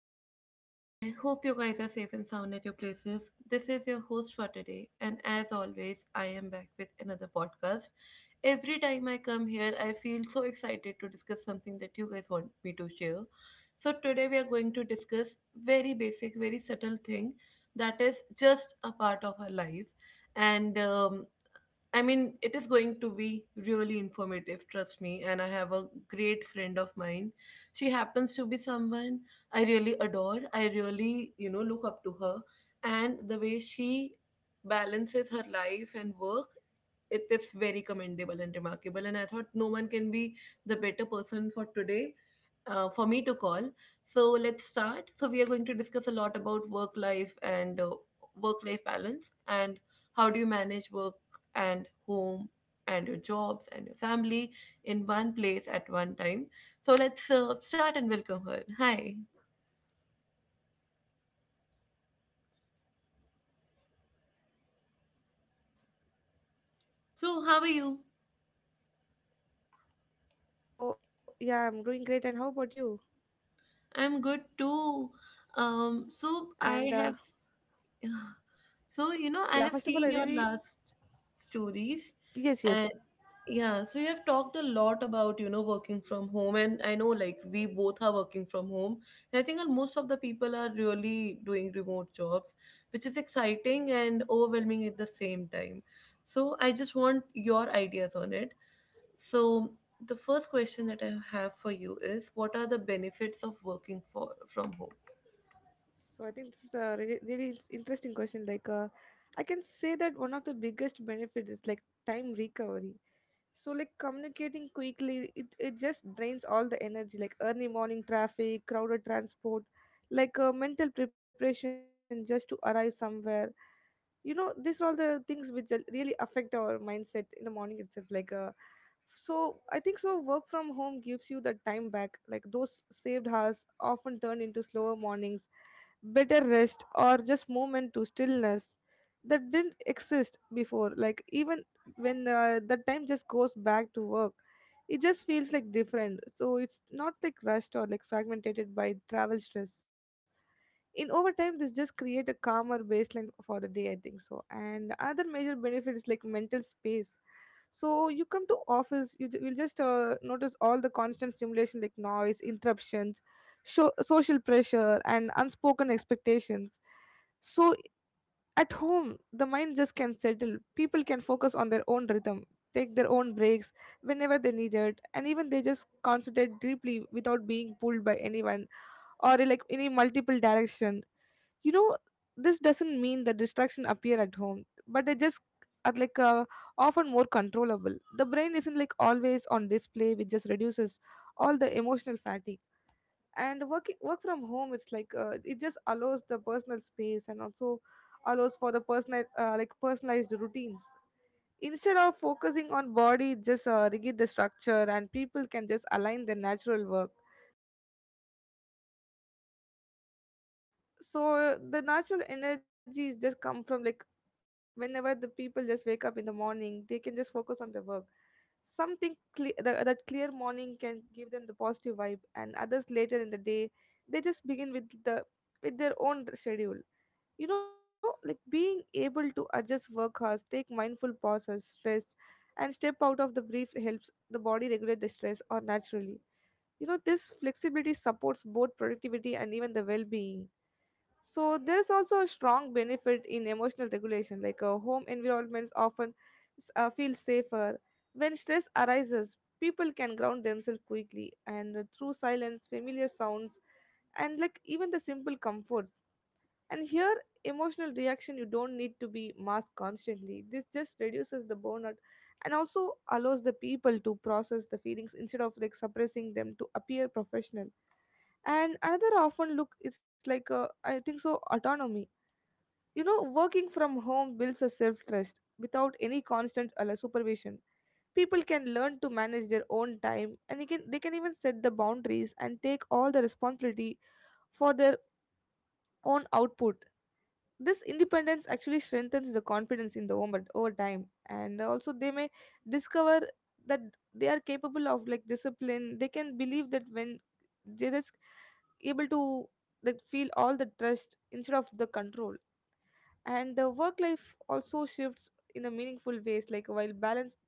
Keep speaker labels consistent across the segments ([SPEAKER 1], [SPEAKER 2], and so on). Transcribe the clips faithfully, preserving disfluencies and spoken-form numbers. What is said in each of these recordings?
[SPEAKER 1] morning to everyone. I hope you guys are safe and sound at your places. This is your host for today, and as always, I am back with another podcast. Every time I come here, I feel so excited to discuss something that you guys want me to share. So today we are going to discuss very basic, very subtle thing that is just a part of our life, and um, I mean, it is going to be really informative, trust me. And I have a great friend of mine. She happens to be someone I really adore. I really, you know, look up to her. And the way she balances her life and work, it is very commendable and remarkable. And I thought no one can be the better person for today. Uh, for me to call. So let's start. So, we are going to discuss a lot about work life and uh, work life balance and how do you manage work and home and your jobs and your family in one place at one time. So let's uh, start and welcome her. Hi. So how are you?
[SPEAKER 2] Hello. Yeah, I'm doing great. And how about you?
[SPEAKER 1] I'm good too. Um, so
[SPEAKER 2] And
[SPEAKER 1] I
[SPEAKER 2] uh,
[SPEAKER 1] have Yeah, So, you know, I
[SPEAKER 2] yeah,
[SPEAKER 1] have
[SPEAKER 2] first of all, I
[SPEAKER 1] seen your
[SPEAKER 2] really
[SPEAKER 1] last stories
[SPEAKER 2] yes, yes.
[SPEAKER 1] and yeah, so you have talked a lot about, you know, working from home, and I know like we both are working from home, and I think that most of the people are really doing remote jobs, which is exciting and overwhelming at the same time. So, I just want your ideas on it. So, the first question that I have for you is what are the benefits of working for from home?
[SPEAKER 2] So I think this is a really, really interesting question. Like, uh, I can say that one of the biggest benefits is like time recovery. So like communicating quickly, it, it just drains all the energy. Like early morning traffic, crowded transport, like uh, mental preparation just to arrive somewhere, you know, these are all the things which are- really affect our mindset in the morning itself, like uh, so I think so work from home gives you the time back, like those saved hours often turn into slower mornings, better rest, or just moment to stillness that didn't exist before. Like even when uh, the time just goes back to work, it just feels like different. So it's not like rushed or like fragmented by travel stress. In overtime this just create a calmer baseline for the day, I think so. And other major benefit is like mental space. So you come to office, you ju- will just uh, notice all the constant stimulation like noise interruptions, sho- social pressure and unspoken expectations. So at home the mind just can settle. People can focus on their own rhythm, take their own breaks whenever they need it, and even they just concentrate deeply without being pulled by anyone or like any multiple direction, you know. This doesn't mean that distraction appear at home, but they just are like uh, often more controllable. The brain isn't like always on display, which just reduces all the emotional fatigue. And working work from home, it's like uh, it just allows the personal space and also allows for the personal uh, like personalized routines instead of focusing on body just uh, rigid the structure, and people can just align their natural work. So the natural energies just come from like whenever the people just wake up in the morning, they can just focus on their work. Something clear, that, that clear morning can give them the positive vibe, and others later in the day, they just begin with the with their own schedule, you know. Like being able to adjust work hours, take mindful pauses, stress and step out of the brief helps the body regulate the stress or naturally, you know. This flexibility supports both productivity and even the well-being. So there's also a strong benefit in emotional regulation. like uh, home environments often s- uh, feel safer. When stress arises, people can ground themselves quickly, and uh, through silence, familiar sounds, and like even the simple comforts. And here, emotional reaction, you don't need to be masked constantly. This just reduces the burnout and also allows the people to process the feelings instead of like suppressing them to appear professional. And another often look, it's like uh, I think so autonomy. You know, working from home builds a self trust without any constant uh, like supervision. People can learn to manage their own time, and they can they can even set the boundaries and take all the responsibility for their own output. This independence actually strengthens the confidence in the woman over time, and also they may discover that they are capable of like discipline. They can believe that, when they're able to like feel all the trust instead of the control. And the work life also shifts in a meaningful ways. Like while balance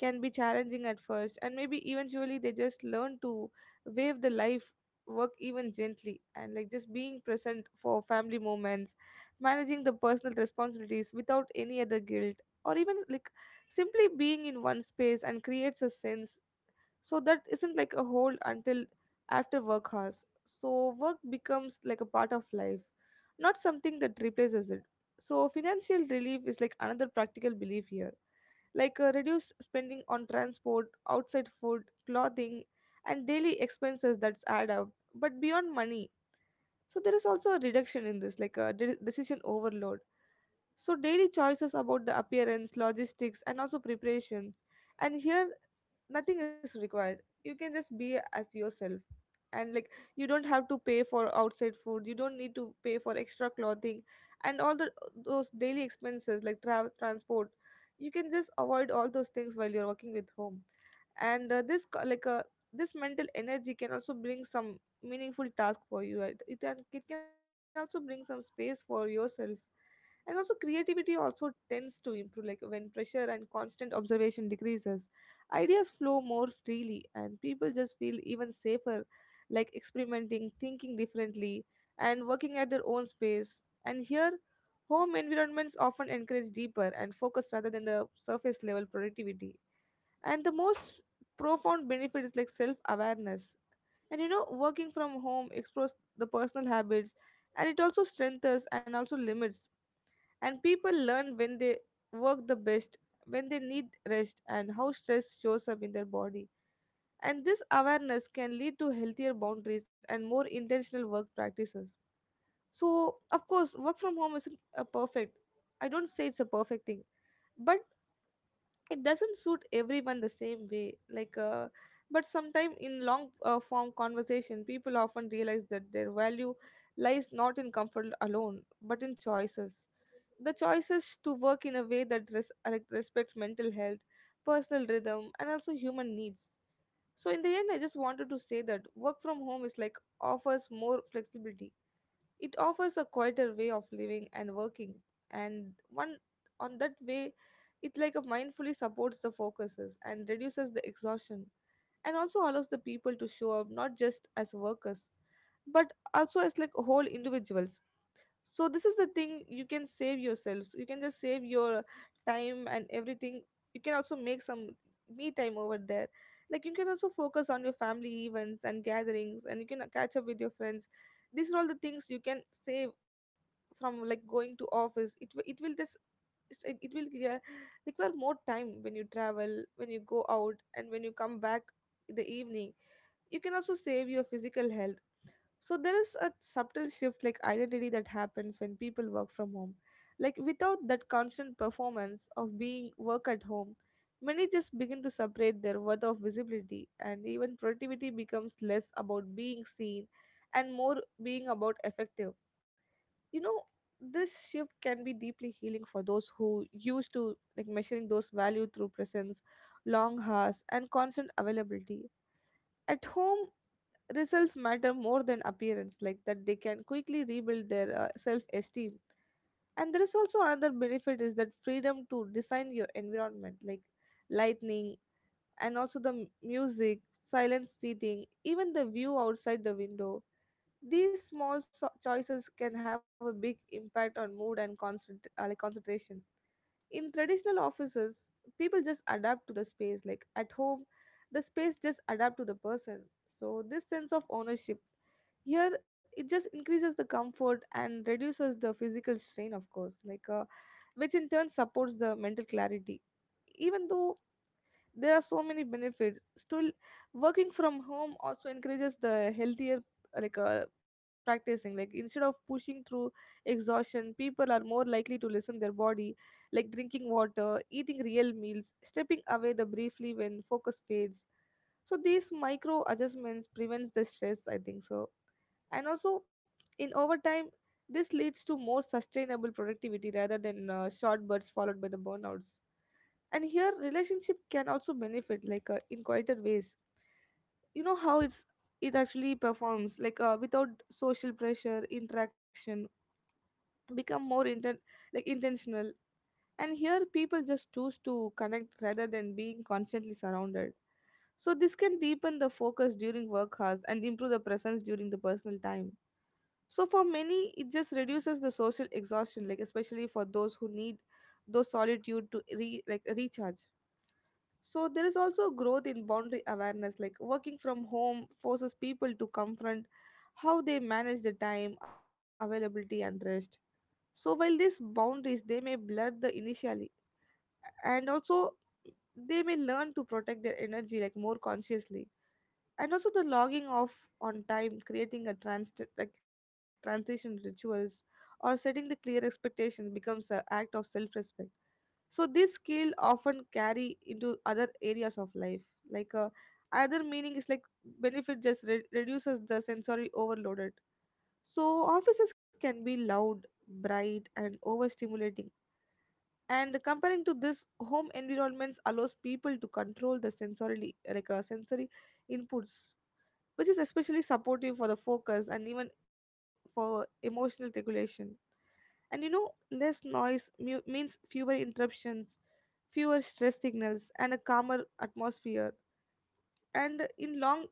[SPEAKER 2] can be challenging at first, and maybe eventually they just learn to wave the life work even gently, and like just being present for family moments, managing the personal responsibilities without any other guilt, or even like simply being in one space and creates a sense so that isn't like a hold until after work hours. So work becomes like a part of life, not something that replaces it. So financial relief is like another practical belief here, like uh, reduce spending on transport, outside food, clothing, and daily expenses that's add up. But beyond money, so there is also a reduction in this like a de- decision overload. So daily choices about the appearance, logistics, and also preparations, and here nothing is required. You can just be as yourself, and like you don't have to pay for outside food, you don't need to pay for extra clothing, and all the those daily expenses like tra- transport, you can just avoid all those things while you're working with home. And uh, this co- like uh, this mental energy can also bring some meaningful task for you. it, it, can- it can also bring some space for yourself. And also creativity also tends to improve, like when pressure and constant observation decreases, ideas flow more freely, and people just feel even safer, like experimenting, thinking differently, and working at their own space. And here, home environments often encourage deeper and focus rather than the surface level productivity. And the most profound benefit is like self awareness. And you know, working from home explores the personal habits, and it also strengthens and also limits, and people learn when they work the best, when they need rest, and how stress shows up in their body. And this awareness can lead to healthier boundaries and more intentional work practices. So, of course, work from home isn't a perfect. I don't say it's a perfect thing, but it doesn't suit everyone the same way, like uh, but sometime in long uh, form conversation, people often realize that their value lies not in comfort alone but in choices, the choices to work in a way that res- like respects mental health, personal rhythm, and also human needs. So in the end, I just wanted to say that work from home is like offers more flexibility. It offers a quieter way of living and working, and one on that way, it like a mindfully supports the focuses and reduces the exhaustion, and also allows the people to show up not just as workers, but also as like whole individuals. So this is the thing, you can save yourselves, you can just save your time and everything. You can also make some me time over there, like you can also focus on your family events and gatherings, and you can uh, catch up with your friends. These are all the things you can save from like going to office. It wi- it will just it will uh, require more time when you travel, when you go out, and when you come back in the evening. You can also save your physical health. So there is a subtle shift like identity that happens when people work from home. Like without that constant performance of being work at home, many just begin to separate their worth of visibility, and even productivity becomes less about being seen and more being about effective. You know, this shift can be deeply healing for those who used to like measuring those value through presence, long hours, and constant availability. At home results matter more than appearance, like that they can quickly rebuild their uh, self esteem. And there is also another benefit, is that freedom to design your environment, like lightning, and also the m- music, silent seating, even the view outside the window. These small so- choices can have a big impact on mood and concent- uh, like concentration. In traditional offices, people just adapt to the space. Like at home, the space just adapt to the person. So this sense of ownership here, it just increases the comfort and reduces the physical strain, of course, like uh, which in turn supports the mental clarity. Even though there are so many benefits, still working from home also encourages the healthier like uh, practicing. Like instead of pushing through exhaustion, people are more likely to listen their body, like drinking water, eating real meals, stepping away the briefly when focus fades. So these micro adjustments prevents the stress, I think so. And also in overtime, this leads to more sustainable productivity rather than uh, short bursts followed by the burnouts. And here relationship can also benefit, like uh, in quieter ways, you know how it's, it actually performs, like uh, without social pressure interaction become more inten- like intentional. And here people just choose to connect rather than being constantly surrounded. So this can deepen the focus during work hours and improve the presence during the personal time. So for many it just reduces the social exhaustion, like especially for those who need those solitude to re- like recharge. So there is also growth in boundary awareness, like working from home forces people to confront how they manage the time, availability, and rest. So while these boundaries they may blur the initially, and also they may learn to protect their energy like more consciously, and also the logging off on time, creating a trans like transition rituals, or setting the clear expectations becomes an act of self-respect. So this skill often carry into other areas of life. Like uh, other meaning is like benefit just re- reduces the sensory overloaded. So offices can be loud, bright, and overstimulating, and comparing to this home environments allows people to control the sensory like uh, sensory inputs, which is especially supportive for the focus and even for emotional regulation. And you know, less noise mu- means fewer interruptions, fewer stress signals, and a calmer atmosphere. And in long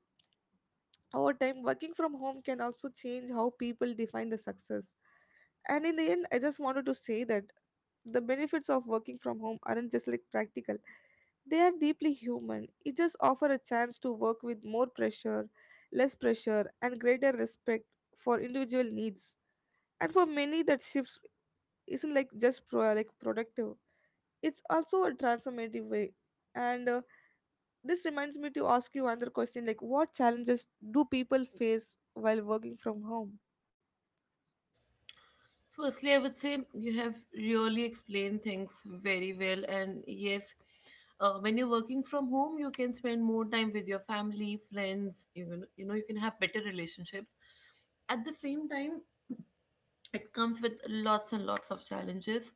[SPEAKER 2] over time, working from home can also change how people define the success. And in the end, I just wanted to say that the benefits of working from home aren't just like practical, they are deeply human. It just offers a chance to work with more pressure, less pressure, and greater respect for individual needs. And for many, that shifts isn't like just pro- like productive. It's also a transformative way. And uh, this reminds me to ask you another question: like, what challenges do people face while working from home?
[SPEAKER 1] Firstly, I would say you have really explained things very well. And yes, uh, when you're working from home, you can spend more time with your family, friends, even, you know, you can have better relationships. At the same time, it comes with lots and lots of challenges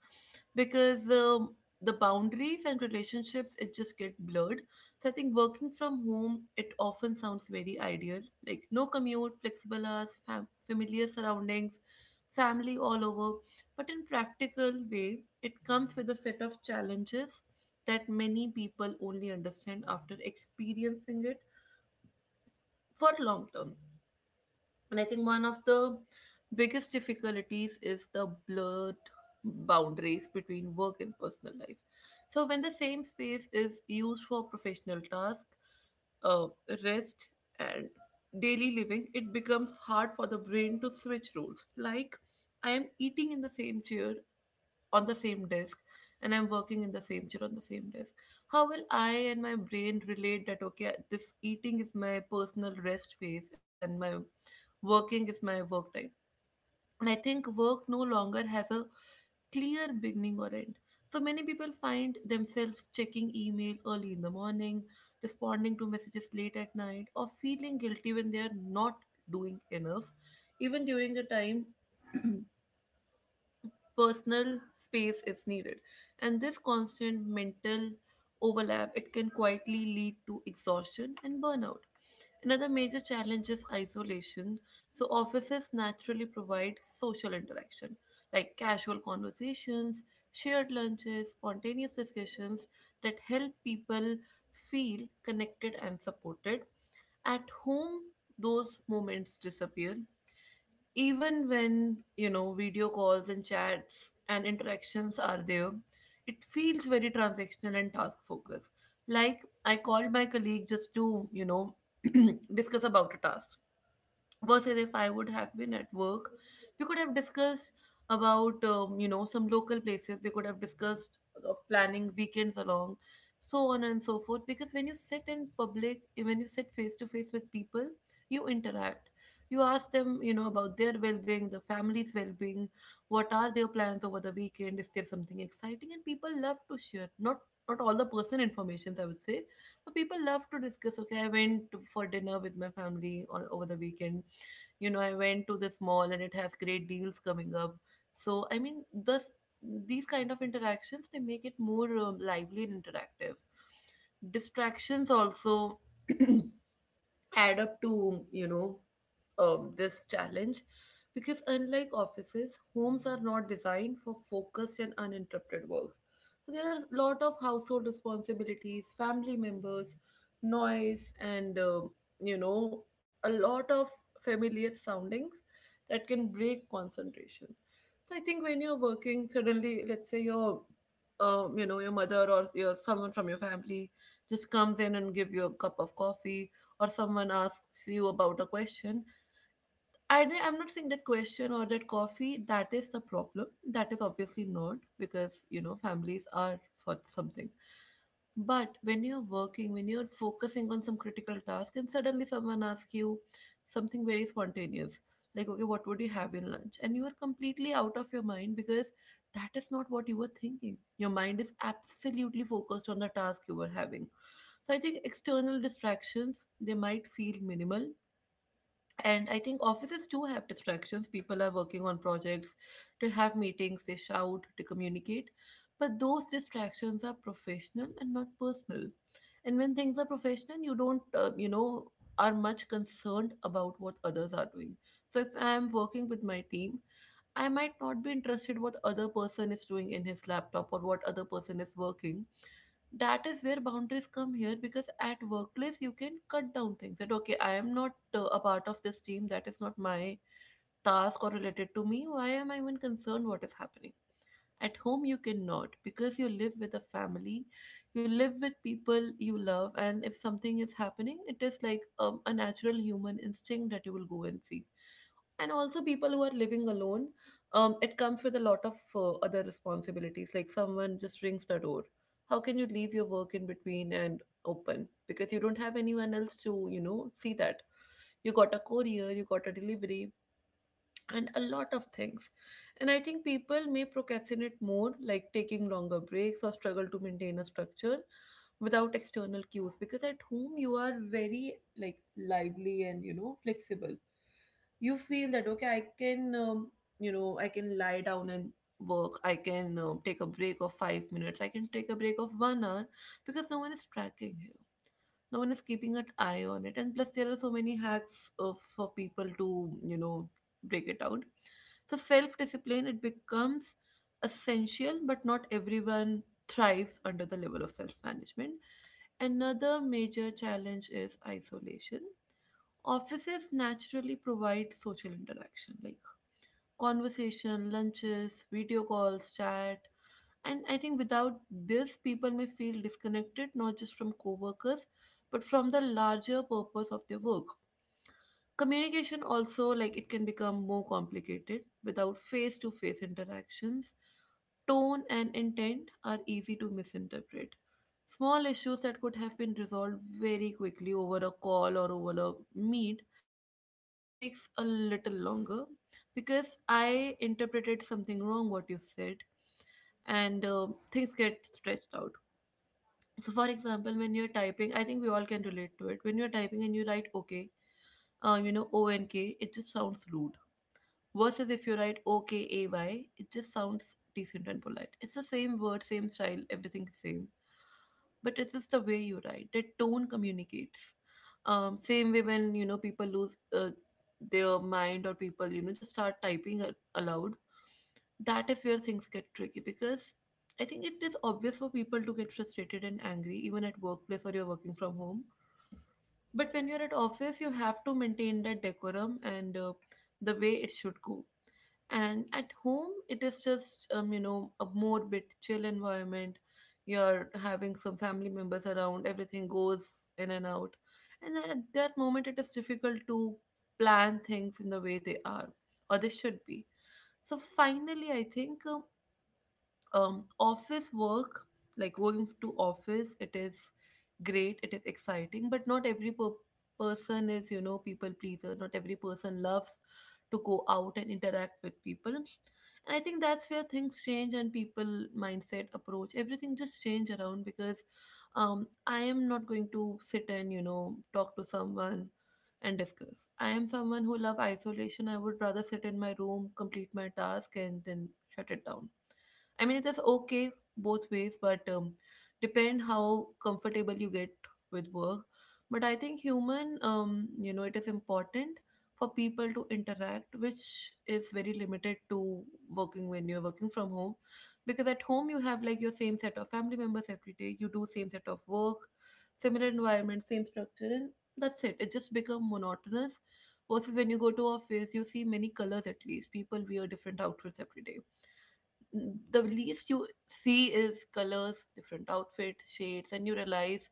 [SPEAKER 1] because um, the boundaries and relationships, it just get blurred. So I think working from home, it often sounds very ideal, like no commute, flexible hours, fam- familiar surroundings, family all over, but in practical way it comes with a set of challenges that many people only understand after experiencing it for long term. And I think one of the biggest difficulties is the blurred boundaries between work and personal life. So, when the same space is used for professional tasks, uh, rest, and daily living, it becomes hard for the brain to switch roles. Like, I am eating in the same chair on the same desk, and I'm working in the same chair on the same desk. How will I and my brain relate that, okay, this eating is my personal rest phase and my working is my work time? And I think work no longer has a clear beginning or end. So many people find themselves checking email early in the morning, responding to messages late at night, or feeling guilty when they are not doing enough, even during the time personal space is needed. And this constant mental overlap, it can quietly lead to exhaustion and burnout. Another major challenge is isolation. So offices naturally provide social interaction, like casual conversations, shared lunches, spontaneous discussions that help people feel connected and supported. At home those moments disappear. Even when, you know, video calls and chats and interactions are there, it feels very transactional and task focused. Like, I called my colleague just to, you know, discuss about a task, versus if I would have been at work, we could have discussed about, um, you know, some local places. We could have discussed of planning weekends along, so on and so forth. Because when you sit in public, when you sit face to face with people, you interact. You ask them, you know, about their well-being, the family's well-being. What are their plans over the weekend? Is there something exciting? And people love to share. Not not all the person informations I would say, but people love to discuss. Okay, I went to- for dinner with my family on, over the weekend, you know, I went to this mall and it has great deals coming up. So I mean, this these kind of interactions, they make it more uh, lively and interactive. Distractions also add up to, you know, um, this challenge, because unlike offices, homes are not designed for focused and uninterrupted works. So there are a lot of household responsibilities, family members, noise, and, um, you know, a lot of familiar soundings that can break concentration. So I think when you're working, suddenly, let's say your, um, you know, your mother or your someone from your family just comes in and give you a cup of coffee, or someone asks you about a question. I, di- I'm not saying that question or that coffee, that is the problem. That is obviously not, because, you know, families are for something. But when you're working, when you're focusing on some critical task, and suddenly someone asks you something very spontaneous, like, okay, what would you have in lunch? And you are completely out of your mind because that is not what you were thinking. Your mind is absolutely focused on the task you were having. So I think external distractions, they might feel minimal, and I think offices do have distractions. People are working on projects, they have meetings, they shout, they communicate, but those distractions are professional and not personal. And when things are professional, you don't, uh, you know, are much concerned about what others are doing. So if I am working with my team, I might not be interested what other person is doing in his laptop or what other person is working. That is where boundaries come here, because at workplace you can cut down things that, okay, I am not uh, a part of this team, that is not my task or related to me, why am I even concerned what is happening. At home you cannot, because you live with a family, you live with people you love, and if something is happening, it is like, um, a natural human instinct that you will go and see. And also people who are living alone, um, it comes with a lot of uh, other responsibilities, like someone just rings the door, how can you leave your work in between and open, because you don't have anyone else to, you know, see that. You got a courier, you got a delivery, and a lot of things. And I think people may procrastinate more, like taking longer breaks or struggle to maintain a structure without external cues, because at home you are very like lively and, you know, flexible. You feel that, okay, I can, um, you know, I can lie down and work, I can, um, take a break of five minutes, I can take a break of one hour, because no one is tracking, no one is keeping an eye on it, and plus there are so many hacks uh, for people to, you know, break it out. So self discipline, it becomes essential, but not everyone thrives under the level of self management. Another major challenge is isolation. Offices naturally provide social interaction, like conversation, lunches, video calls, chat. And I think without this, people may feel disconnected, not just from co-workers, but from the larger purpose of their work. Communication also, like, it can become more complicated without face-to-face interactions. Tone and intent are easy to misinterpret. Small issues that could have been resolved very quickly over a call or over a meet, it just takes a little longer, because I interpreted something wrong what you said, and um things get stretched out. So, for example, when you're typing, I think we all can relate to it. When you're typing and you write okay, um, you know, O N K, it just sounds rude. Versus if you write O K A Y, it just sounds decent and polite. It's the same word, same style, everything same, but it is the way you write. The tone communicates. Um, same way when you know people lose uh, their mind, or people you know just start typing a- aloud, that is where things get tricky, because I think it is obvious for people to get frustrated and angry, even at workplace or you're working from home. But when you're at office, you have to maintain that decorum and uh, the way it should go. And at home, it is just um, you know a more bit chill environment. You're having some family members around, everything goes in and out, and at that moment it is difficult to plan things in the way they are or they should be. So finally I think um, um office work, like going to office, it is great, it is exciting, but not every per- person is you know people pleaser. Not every person loves to go out and interact with people. And I think that's where things change and people mindset approach everything just change around, because um I am not going to sit and you know talk to someone and discuss. I am someone who love isolation. I would rather sit in my room, complete my task, and then shut it down. I mean, it is okay both ways, but um, depend how comfortable you get with work. But I think human, um, you know, it is important for people to interact, which is very limited to working when you're working from home, because at home you have like your same set of family members every day. You do same set of work, similar environment, same structure, and that's it. It just become monotonous. Versus when you go to office, you see many colors at least. People wear different outfits every day. The least you see is colors, different outfits, shades, and you realize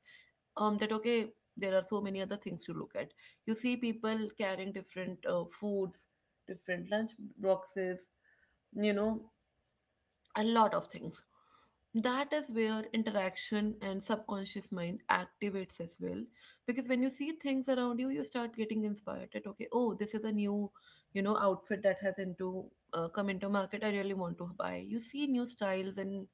[SPEAKER 1] um, that okay, there are so many other things to look at. You see people carrying different uh, foods, different lunch boxes, you know, a lot of things. That is where interaction and subconscious mind activates as well. Because when you see things around you, you start getting inspired that, okay, oh, this is a new, you know, outfit that has into uh, come into market. I really want to buy. You see new styles and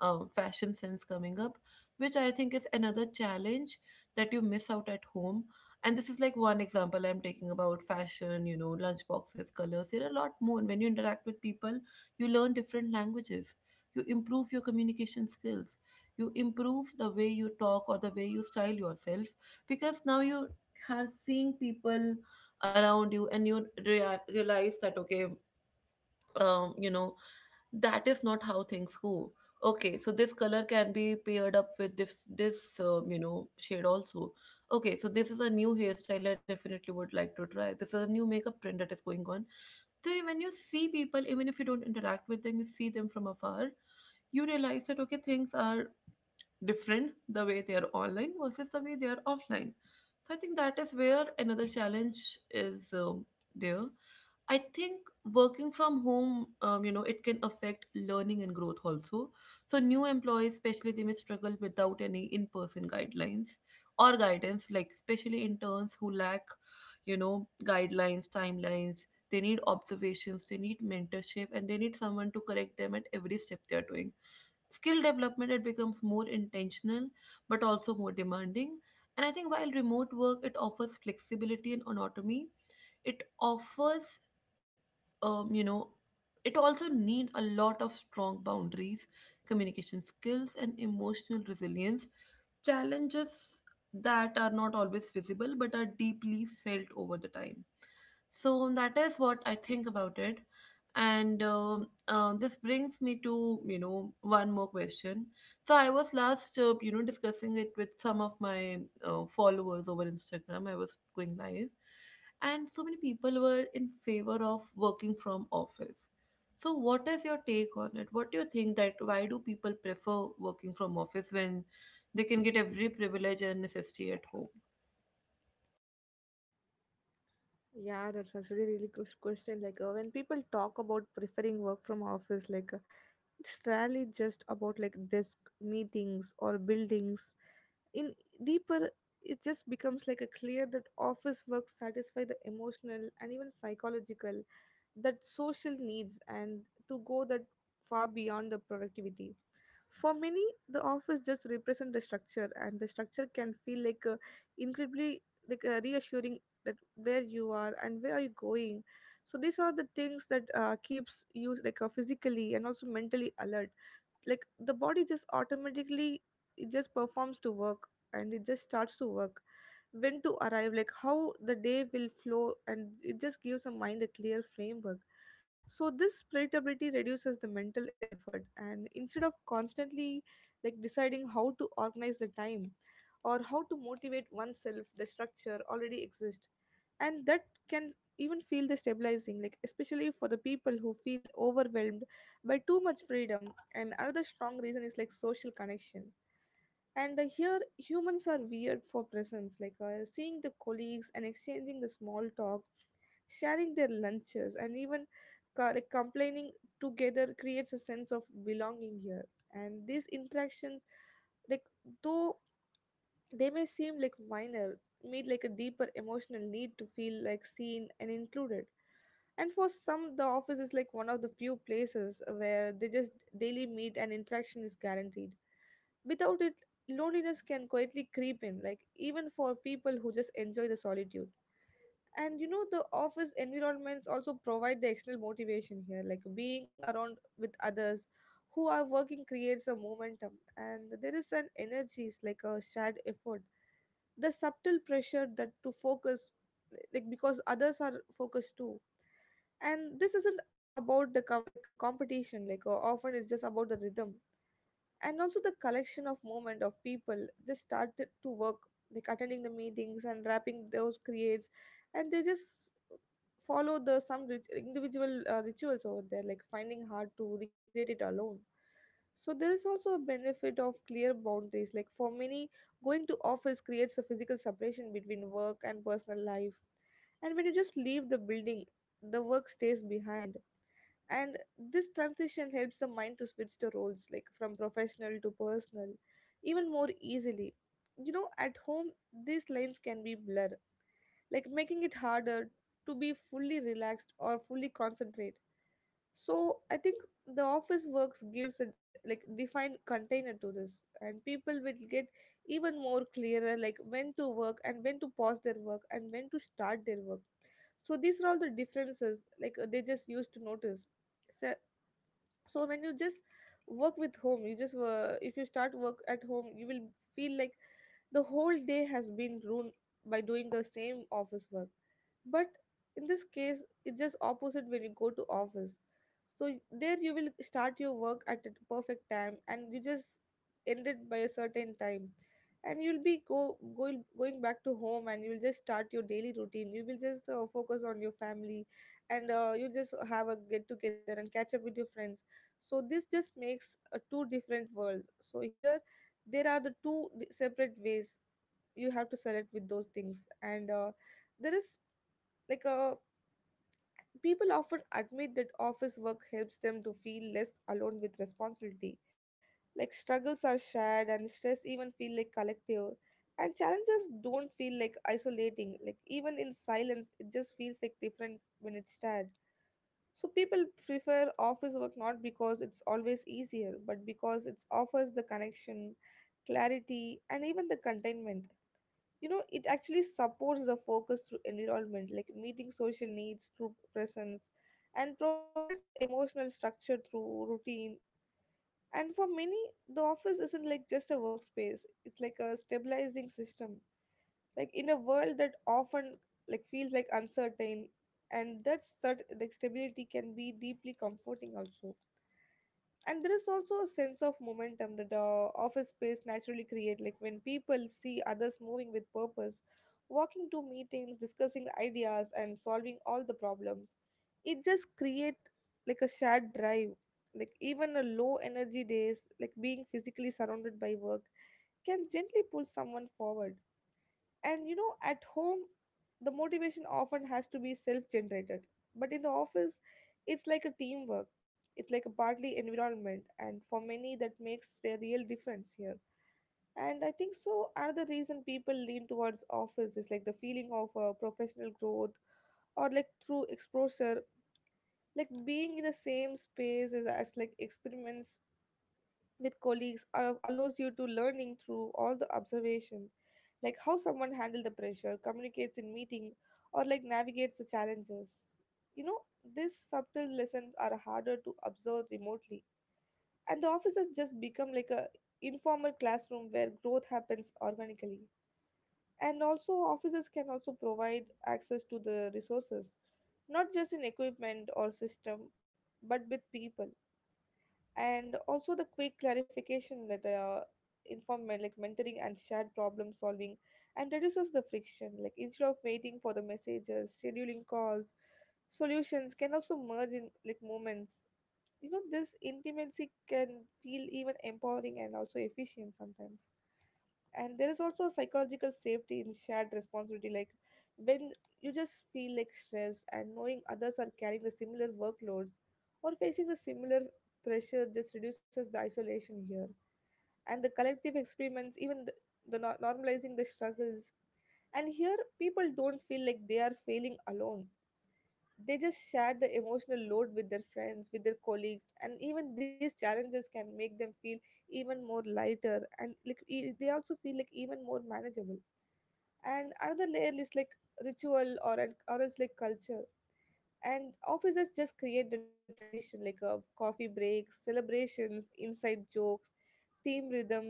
[SPEAKER 1] um, fashion sense coming up, which I think is another challenge that you miss out at home. And this is like one example I'm taking about fashion, you know, lunch boxes, colors. There are a lot more. When you interact with people, you learn different languages, you improve your communication skills, you improve the way you talk or the way you style yourself, because now you are seeing people around you, and you rea- realize that okay, um, you know that is not how things go. Okay, so this color can be paired up with this, this um, you know shade also. Okay, so this is a new hairstyle, I definitely would like to try. This is a new makeup trend that is going on. They, when you see people, even if you don't interact with them, you see them from afar, you realize that okay, things are different the way they are online versus the way they are offline. So I think that is where another challenge is, um, there. I think working from home, um, you know, it can affect learning and growth also. So new employees, especially, they may struggle without any in-person guidelines or guidance, like especially interns who lack, you know, guidelines, timelines. They need observations, they need mentorship, and they need someone to correct them at every step they are doing. Skill development, it becomes more intentional, but also more demanding. And I think while remote work, it offers flexibility and autonomy, it offers um, you know it also need a lot of strong boundaries, communication skills, and emotional resilience. Challenges that are not always visible but are deeply felt over the time. So that is what I think about it. And um, um, this brings me to you know one more question. So I was last uh, you know discussing it with some of my uh, followers over Instagram. I was going live, and so many people were in favor of working from office. So, what is your take on it? What do you think that why do people prefer working from office when they can get every privilege and necessity at home?
[SPEAKER 2] Yeah, that's actually a really good question. Like uh, when people talk about preferring work from office, like it's rarely just about like desk, meetings, or buildings. In deeper, it just becomes like a clear that office work satisfy the emotional and even psychological, that social needs, and to go that far beyond the productivity. For many, the office just represent the structure, and the structure can feel like a incredibly, like a reassuring, that where you are and where are you going. So these are the things that uh, keeps you like uh, physically and also mentally alert. Like the body just automatically, it just performs to work, and it just starts to work, when to arrive, like how the day will flow, and it just gives a mind a clear framework. So this predictability reduces the mental effort, and instead of constantly like deciding how to organize the time or how to motivate oneself, the structure already exists. And that can even feel destabilizing, like especially for the people who feel overwhelmed by too much freedom. And another strong reason is like social connection. And uh, Here, humans are weird for presents, like uh, seeing the colleagues and exchanging the small talk, sharing their lunches, and even co- like, complaining together creates a sense of belonging here. And these interactions, like though they may seem like minor, meet like a deeper emotional need to feel like seen and included. And for some, the office is like one of the few places where they just daily meet and interaction is guaranteed. Without it, loneliness can quietly creep in, like even for people who just enjoy the solitude. And you know, the office environments also provide the external motivation here, like being around with others who are working creates a momentum, and there is an energy, it's like a shared effort, the subtle pressure that to focus, like because others are focused too. And this isn't about the com- like a competition. Like uh, often it's just about the rhythm, and also the collection of movement of people just started to work, like attending the meetings and wrapping those creates, and they just follow the some rit- individual uh, rituals over there, like finding hard to recreate it alone. So there is also a benefit of clear boundaries, like for many, going to office creates a physical separation between work and personal life. And when you just leave the building, the work stays behind. And this transition helps the mind to switch the roles, like from professional to personal, even more easily. You know, at home these lines can be blurred, like making it harder to be fully relaxed or fully concentrate. So I think the office works gives a like defined container to this, and people will get even more clearer, like when to work and when to pause their work and when to start their work. So these are all the differences, like uh, they just used to notice. So so when you just work with home you just uh, if you start work at home, you will feel like the whole day has been ruined by doing the same office work. But in this case, it's just opposite when you go to office. So there you will start your work at a perfect time, and you just end it by a certain time, and you'll be go, go going back to home, and you'll just start your daily routine. You will just uh, focus on your family, and uh, you just have a get together and catch up with your friends. So this just makes uh, two different worlds. So here there are the two di- separate ways you have to select with those things, and uh, there is like uh, people often admit that office work helps them to feel less alone with responsibility, like struggles are shared and stress even feel like collective, and challenges don't feel like isolating, like even in silence it just feels like different when it's shared. So people prefer office work not because it's always easier, but because it offers the connection, clarity, and even the containment. You know, it actually supports the focus through environment, like meeting social needs through presence, and provides the emotional structure through routine. And for many, the office isn't like just a workspace, it's like a stabilizing system, like in a world that often like feels like uncertain. And that cert- like stability can be deeply comforting also. And there is also a sense of momentum that the office space naturally create, like when people see others moving with purpose, walking to meetings, discussing ideas, and solving all the problems, it just create like a shared drive, like even a low energy days, like being physically surrounded by work can gently pull someone forward. And you know, at home, the motivation often has to be self generated. But in the office, it's like a teamwork, it's like a partly environment. And for many, that makes a real difference here. And I think so. Another reason people lean towards office is like the feeling of uh, professional growth, or like through exposure, like being in the same space as, as like experiments with colleagues uh, allows you to learning through all the observation, like how someone handle the pressure, communicates in meeting, or like navigates the challenges. You know, these subtle lessons are harder to observe remotely, and the office has just become like a informal classroom where growth happens organically. And also offices can also provide access to the resources, not just in equipment or system, but with people, and also the quick clarification that uh, inform men- like mentoring and shared problem solving, and reduces the friction, like instead of waiting for the messages, scheduling calls, solutions can also merge in like moments. You know, this intimacy can feel even empowering and also efficient sometimes. And there is also psychological safety in shared responsibility, like when you just feel like stress and knowing others are carrying the similar workloads or facing the similar pressure just reduces the isolation here. And the collective experiments, even the, the nor- normalizing the struggles, and here people don't feel like they are failing alone, they just share the emotional load with their friends, with their colleagues, and even these challenges can make them feel even more lighter and like e- they also feel like even more manageable. And another layer is like ritual or an- or it's like culture. And offices just create the tradition, like uh, coffee breaks, celebrations, inside jokes, team rhythms,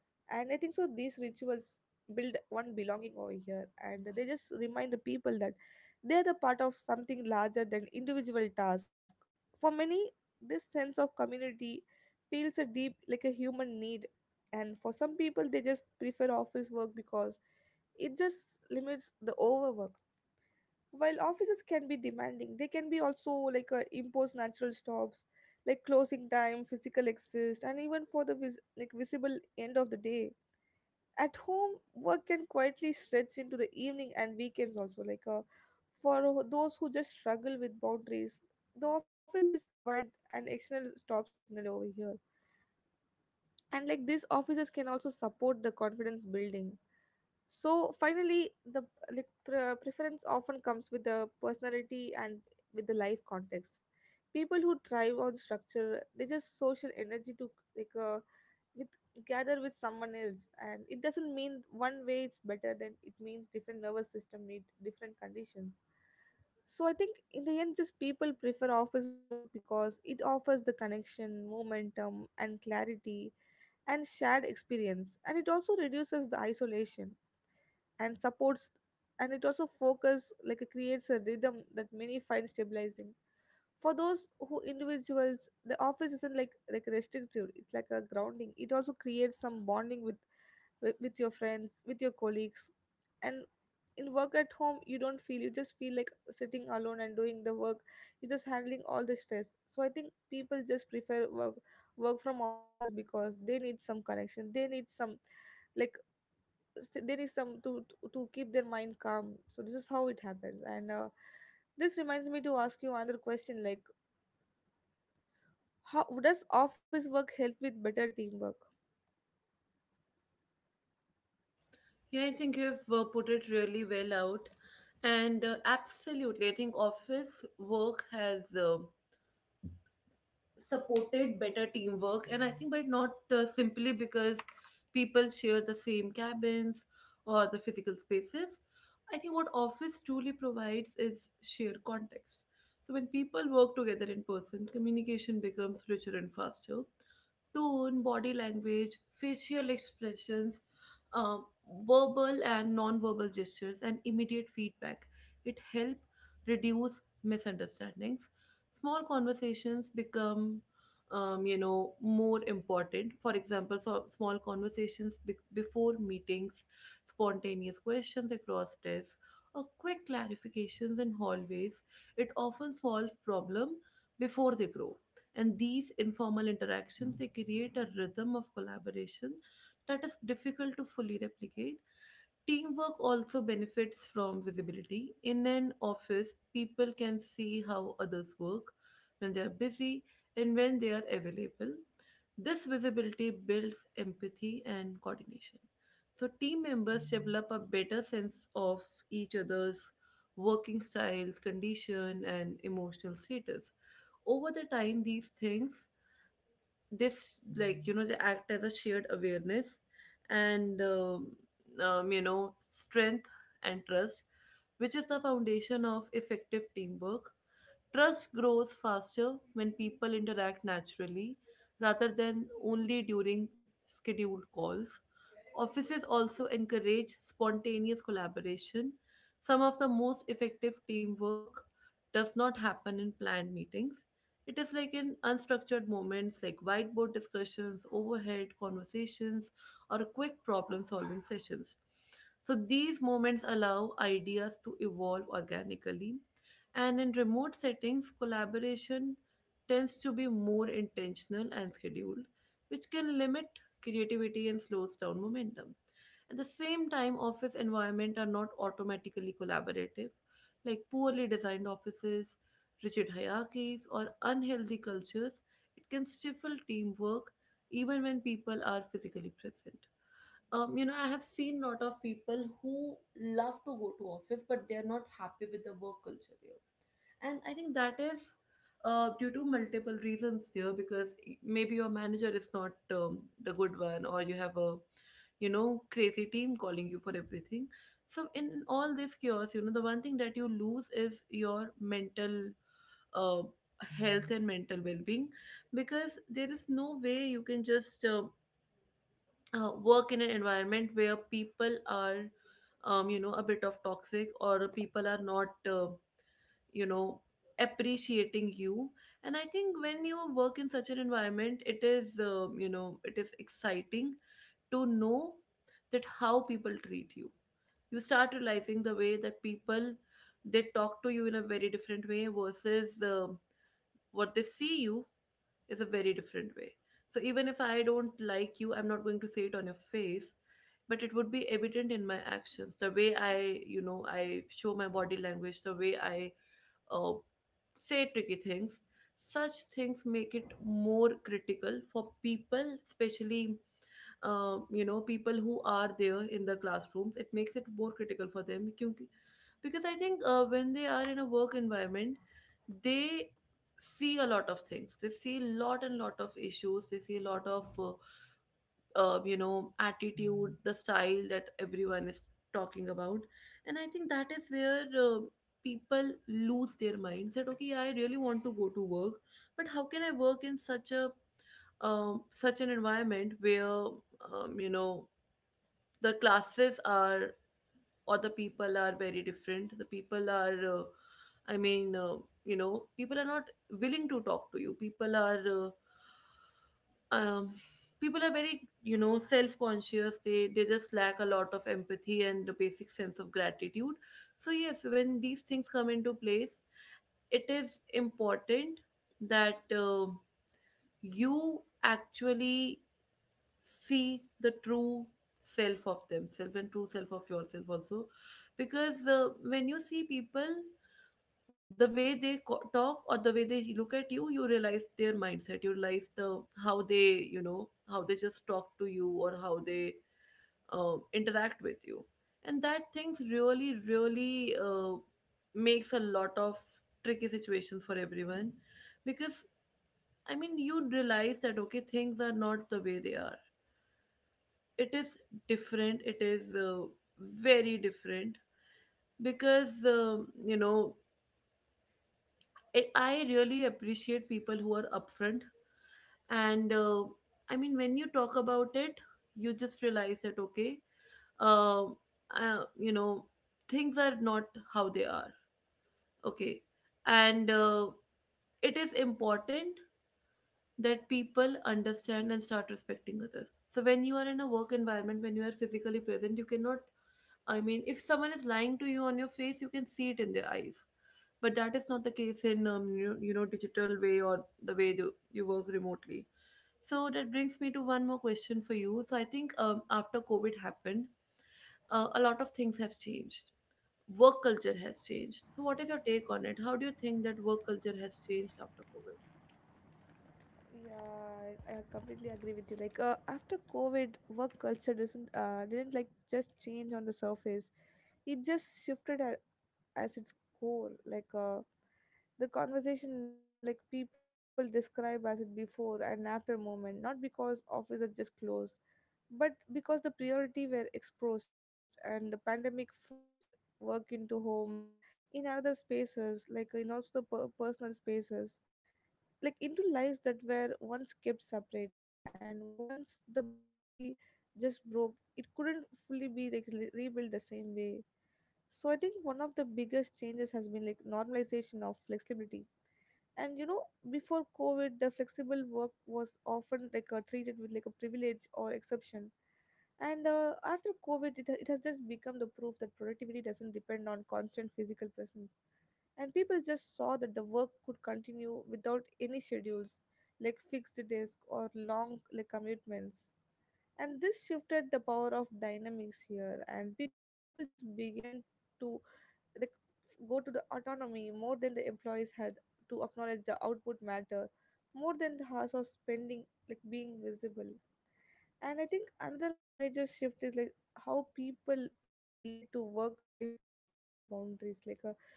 [SPEAKER 2] and I think so these rituals build one belonging over here, and they just remind the people that they're the part of something larger than individual task. For many, this sense of community feels a deep like a human need. And for some people, they just prefer office work because it just limits the overwork. While offices can be demanding, they can be also like uh, impose natural stops, like closing time, physical exist, and even for the vis- like visible end of the day. At home, work can quietly stretch into the evening and weekends also. Like uh, for uh, those who just struggle with boundaries, the office just provide an external stop signal over here. And like these offices can also support the confidence building. So finally the like pre- preference often comes with the personality and with the life context. People who thrive on structure, they just social energy to like uh, with gather with someone else. And it doesn't mean one way it's better than, it means different nervous system need different conditions. So I think in the end, just people prefer office work because it offers the connection, momentum and clarity and shared experience, and it also reduces the isolation and supports, and it also focus, like it creates a rhythm that many find stabilizing. For those who individuals, the office isn't like like restrictive, it's like a grounding. It also creates some bonding with with, with your friends, with your colleagues. And in work at home, you don't feel, you just feel like sitting alone and doing the work. You're just handling all the stress. So I think people just prefer work work from office because they need some connection, they need some, like s- they need some to to to keep their mind calm. So this is how it happens. And uh, this reminds me to ask you another question, like how does office work help with better teamwork?
[SPEAKER 1] Yeah, I think you've uh, put it really well out. And uh, absolutely, I think office work has uh, supported better teamwork. And I think, but not uh, simply because people share the same cabins or the physical spaces. I think what office truly provides is shared context. So when people work together in person, communication becomes richer and faster: tone, body language, facial expressions, um, verbal and non-verbal gestures, and immediate feedback. It help reduce misunderstandings. Small conversations become um, you know more important. For example, so small conversations be- before meetings, spontaneous questions across desks, or quick clarifications in hallways, it often solves problem before they grow. And these informal interactions, they create a rhythm of collaboration that is difficult to fully replicate. Teamwork also benefits from visibility. In an office, people can see how others work, when they are busy, and when they are available. This visibility builds empathy and coordination. So, team members develop a better sense of each other's working styles, condition, and emotional status. Over the time, these things, this, like you know they act as a shared awareness and um, um, you know strength and trust, which is the foundation of effective teamwork. Trust grows faster when people interact naturally rather than only during scheduled calls. Offices also encourage spontaneous collaboration. Some of the most effective teamwork does not happen in planned meetings. It is like in unstructured moments, like whiteboard discussions, overhead conversations, or quick problem solving sessions. So these moments allow ideas to evolve organically. And in remote settings, collaboration tends to be more intentional and scheduled, which can limit creativity and slows down momentum. At the same time, office environment are not automatically collaborative, like poorly designed offices, rigid hierarchies, or unhealthy cultures. It can stifle teamwork even when people are physically present. Um, you know, I have seen lot of people who love to go to office, but they are not happy with the work culture there. And I think that is uh, due to multiple reasons here, because maybe your manager is not um, the good one, or you have a you know crazy team calling you for everything. So in all this chaos, you know the one thing that you lose is your mental uh, health and mental well-being, because there is no way you can just uh, uh, work in an environment where people are um, you know a bit of toxic, or people are not uh, you know appreciating you. And I think when you work in such an environment, it is uh, you know it is exciting to know that how people treat you. You start realizing the way that people, they talk to you in a very different way versus uh, what they see you is a very different way. So even if I don't like you, I'm not going to say it on your face, but it would be evident in my actions: the way I, you know I show my body language, the way I uh, say tricky things. Such things make it more critical for people, especially uh, you know people who are there in the classrooms. It makes it more critical for them क्योंकि- because I think uh, when they are in a work environment, they see a lot of things. They see lot and lot of issues. They see a lot of uh, uh, you know attitude, the style that everyone is talking about. And I think that is where uh, people lose their minds that okay, I really want to go to work, but how can I work in such a um, such an environment where um, you know the classes are, or the people are very different. The people are uh, i mean uh, you know people are not willing to talk to you. People are uh, um, people are very you know self-conscious. They they just lack a lot of empathy and the basic sense of gratitude. So yes, when these things come into place, it is important that um you actually see the true self of themselves and true self of yourself also. Because uh, when you see people, the way they co- talk or the way they look at you, you realize their mindset. You realize the how they, you know how they just talk to you or how they uh, interact with you. And that things really really uh, makes a lot of tricky situations for everyone, because I mean, you realize that okay, things are not the way they are. It is different, it is uh, very different. Because um, you know it, I really appreciate people who are upfront. And uh, I mean, when you talk about it, you just realize that okay, uh, uh, you know things are not how they are. Okay. And uh, it is important that people understand and start respecting others. So when you are in a work environment, when you are physically present, you cannot, I mean, if someone is lying to you on your face, you can see it in their eyes. But that is not the case in um, you, you know digital way, or the way you, you work remotely. So that brings me to one more question for you. So I think um, after COVID happened, uh, a lot of things have changed. Work culture has changed. So what is your take on it? How do you think that work culture has changed after COVID?
[SPEAKER 2] Yeah i I completely agree with you. Like uh, after covid, work culture doesn't uh, didn't like just change on the surface, it just shifted at as its core. Like uh, the conversation, like people describe as it before and after moment, not because offices just closed, but because the priority were exposed and the pandemic forced work into homes in other spaces, like in also the per- personal spaces, like into lives that were once kept separate. And once the boundary just broke, it couldn't fully be like re- rebuilt the same way. So I think one of the biggest changes has been like normalization of flexibility. And you know, before covid, the flexible work was often like uh, treated with like a privilege or exception. And uh, after covid, it, ha- it has just become the proof that productivity doesn't depend on constant physical presence. And people just saw that the work could continue without any schedules, like fixed desk or long like commitments. And this shifted the power of dynamics here. And people just began to rec- go to the autonomy more than the employees had, to acknowledge the output matter more than the house of spending, like being visible. And I think another major shift is like how people now relate to work life after the boundaries. Like uh,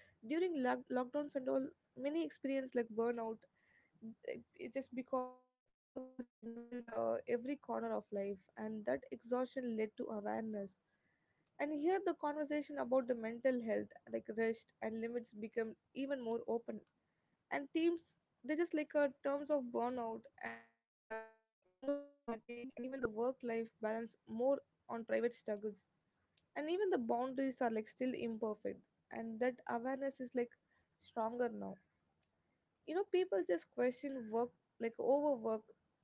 [SPEAKER 2] during lock- lockdowns and all, many experience like burnout. It just because work just involved uh, every corner of life, and that exhaustion led to awareness. And here the conversation about the mental health, like rest and limits, become even more open. And teams, they just like uh, terms of burnout and uh, emotional fatigue and even the work life balance more on private struggles. And even the boundaries are like still imperfect, and that awareness is like stronger now. You know, people just question work, like overwork,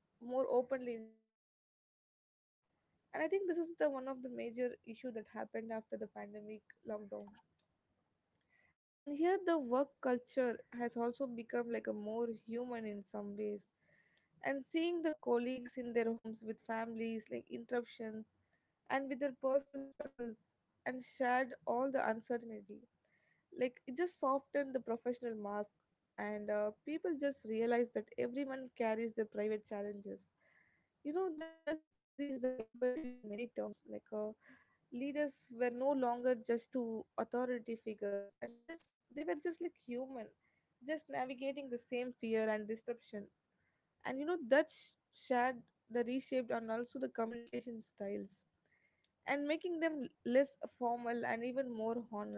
[SPEAKER 2] more openly instead of accepting it silently. And I think this is the one of the major issue that happened after the pandemic lockdown. And here the work culture has also become like a more human in some ways, and seeing the colleagues in their homes with families, like interruptions and with their personal struggles and shared all the uncertainty. Like it just softened the professional mask, and uh, people just realized that everyone carries their private challenges. You know, this just increased the empathy in many terms. Like uh, leaders were no longer just two authority figures, and they just they were just like human, just navigating the same fear and disruption. And you know, that's shared, the reshaped and also the communication styles, and making them less formal and even more honest.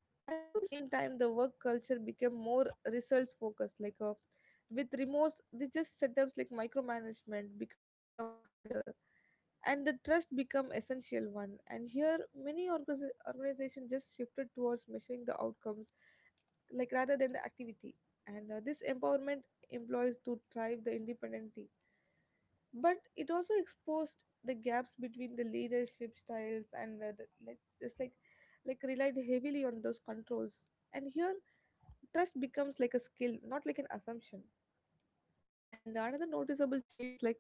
[SPEAKER 2] And also the same time, the work culture became more results focused. Like uh, with remorse, they just setups like micromanagement become harder and the trust become essential one. And here many organizations just shifted towards measuring the outcomes, like rather than the activity. And uh, this empowerment employees to thrive the independently, but it also exposed the gaps between the leadership styles and whether like just like like relied heavily on those controls. And here trust becomes like a skill, not like an assumption. And another noticeable change is like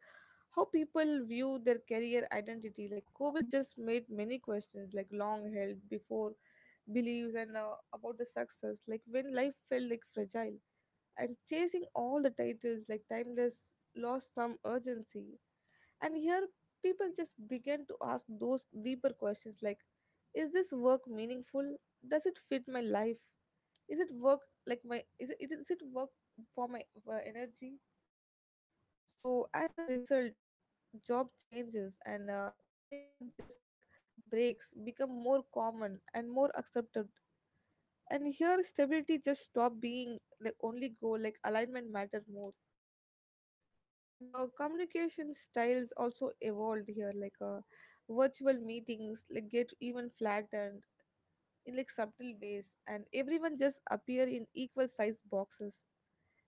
[SPEAKER 2] how people view their career identity. Like covid just made many questions, like long held before beliefs, and uh, about the success. Like when life felt like fragile, and chasing all the titles like timeless lost some urgency. And here, people just began to ask those deeper questions, like is this work meaningful? Does it fit my life? Is it work like my is it is it work for my for energy? So as a result, job changes and uh, career just like breaks become more common and more accepted. And here, stability just stop being the only goal. Like alignment mattered more. And uh, communication styles also evolved here. Like uh, virtual meetings like get even flattened in like subtle ways, and everyone just appear in equal size boxes,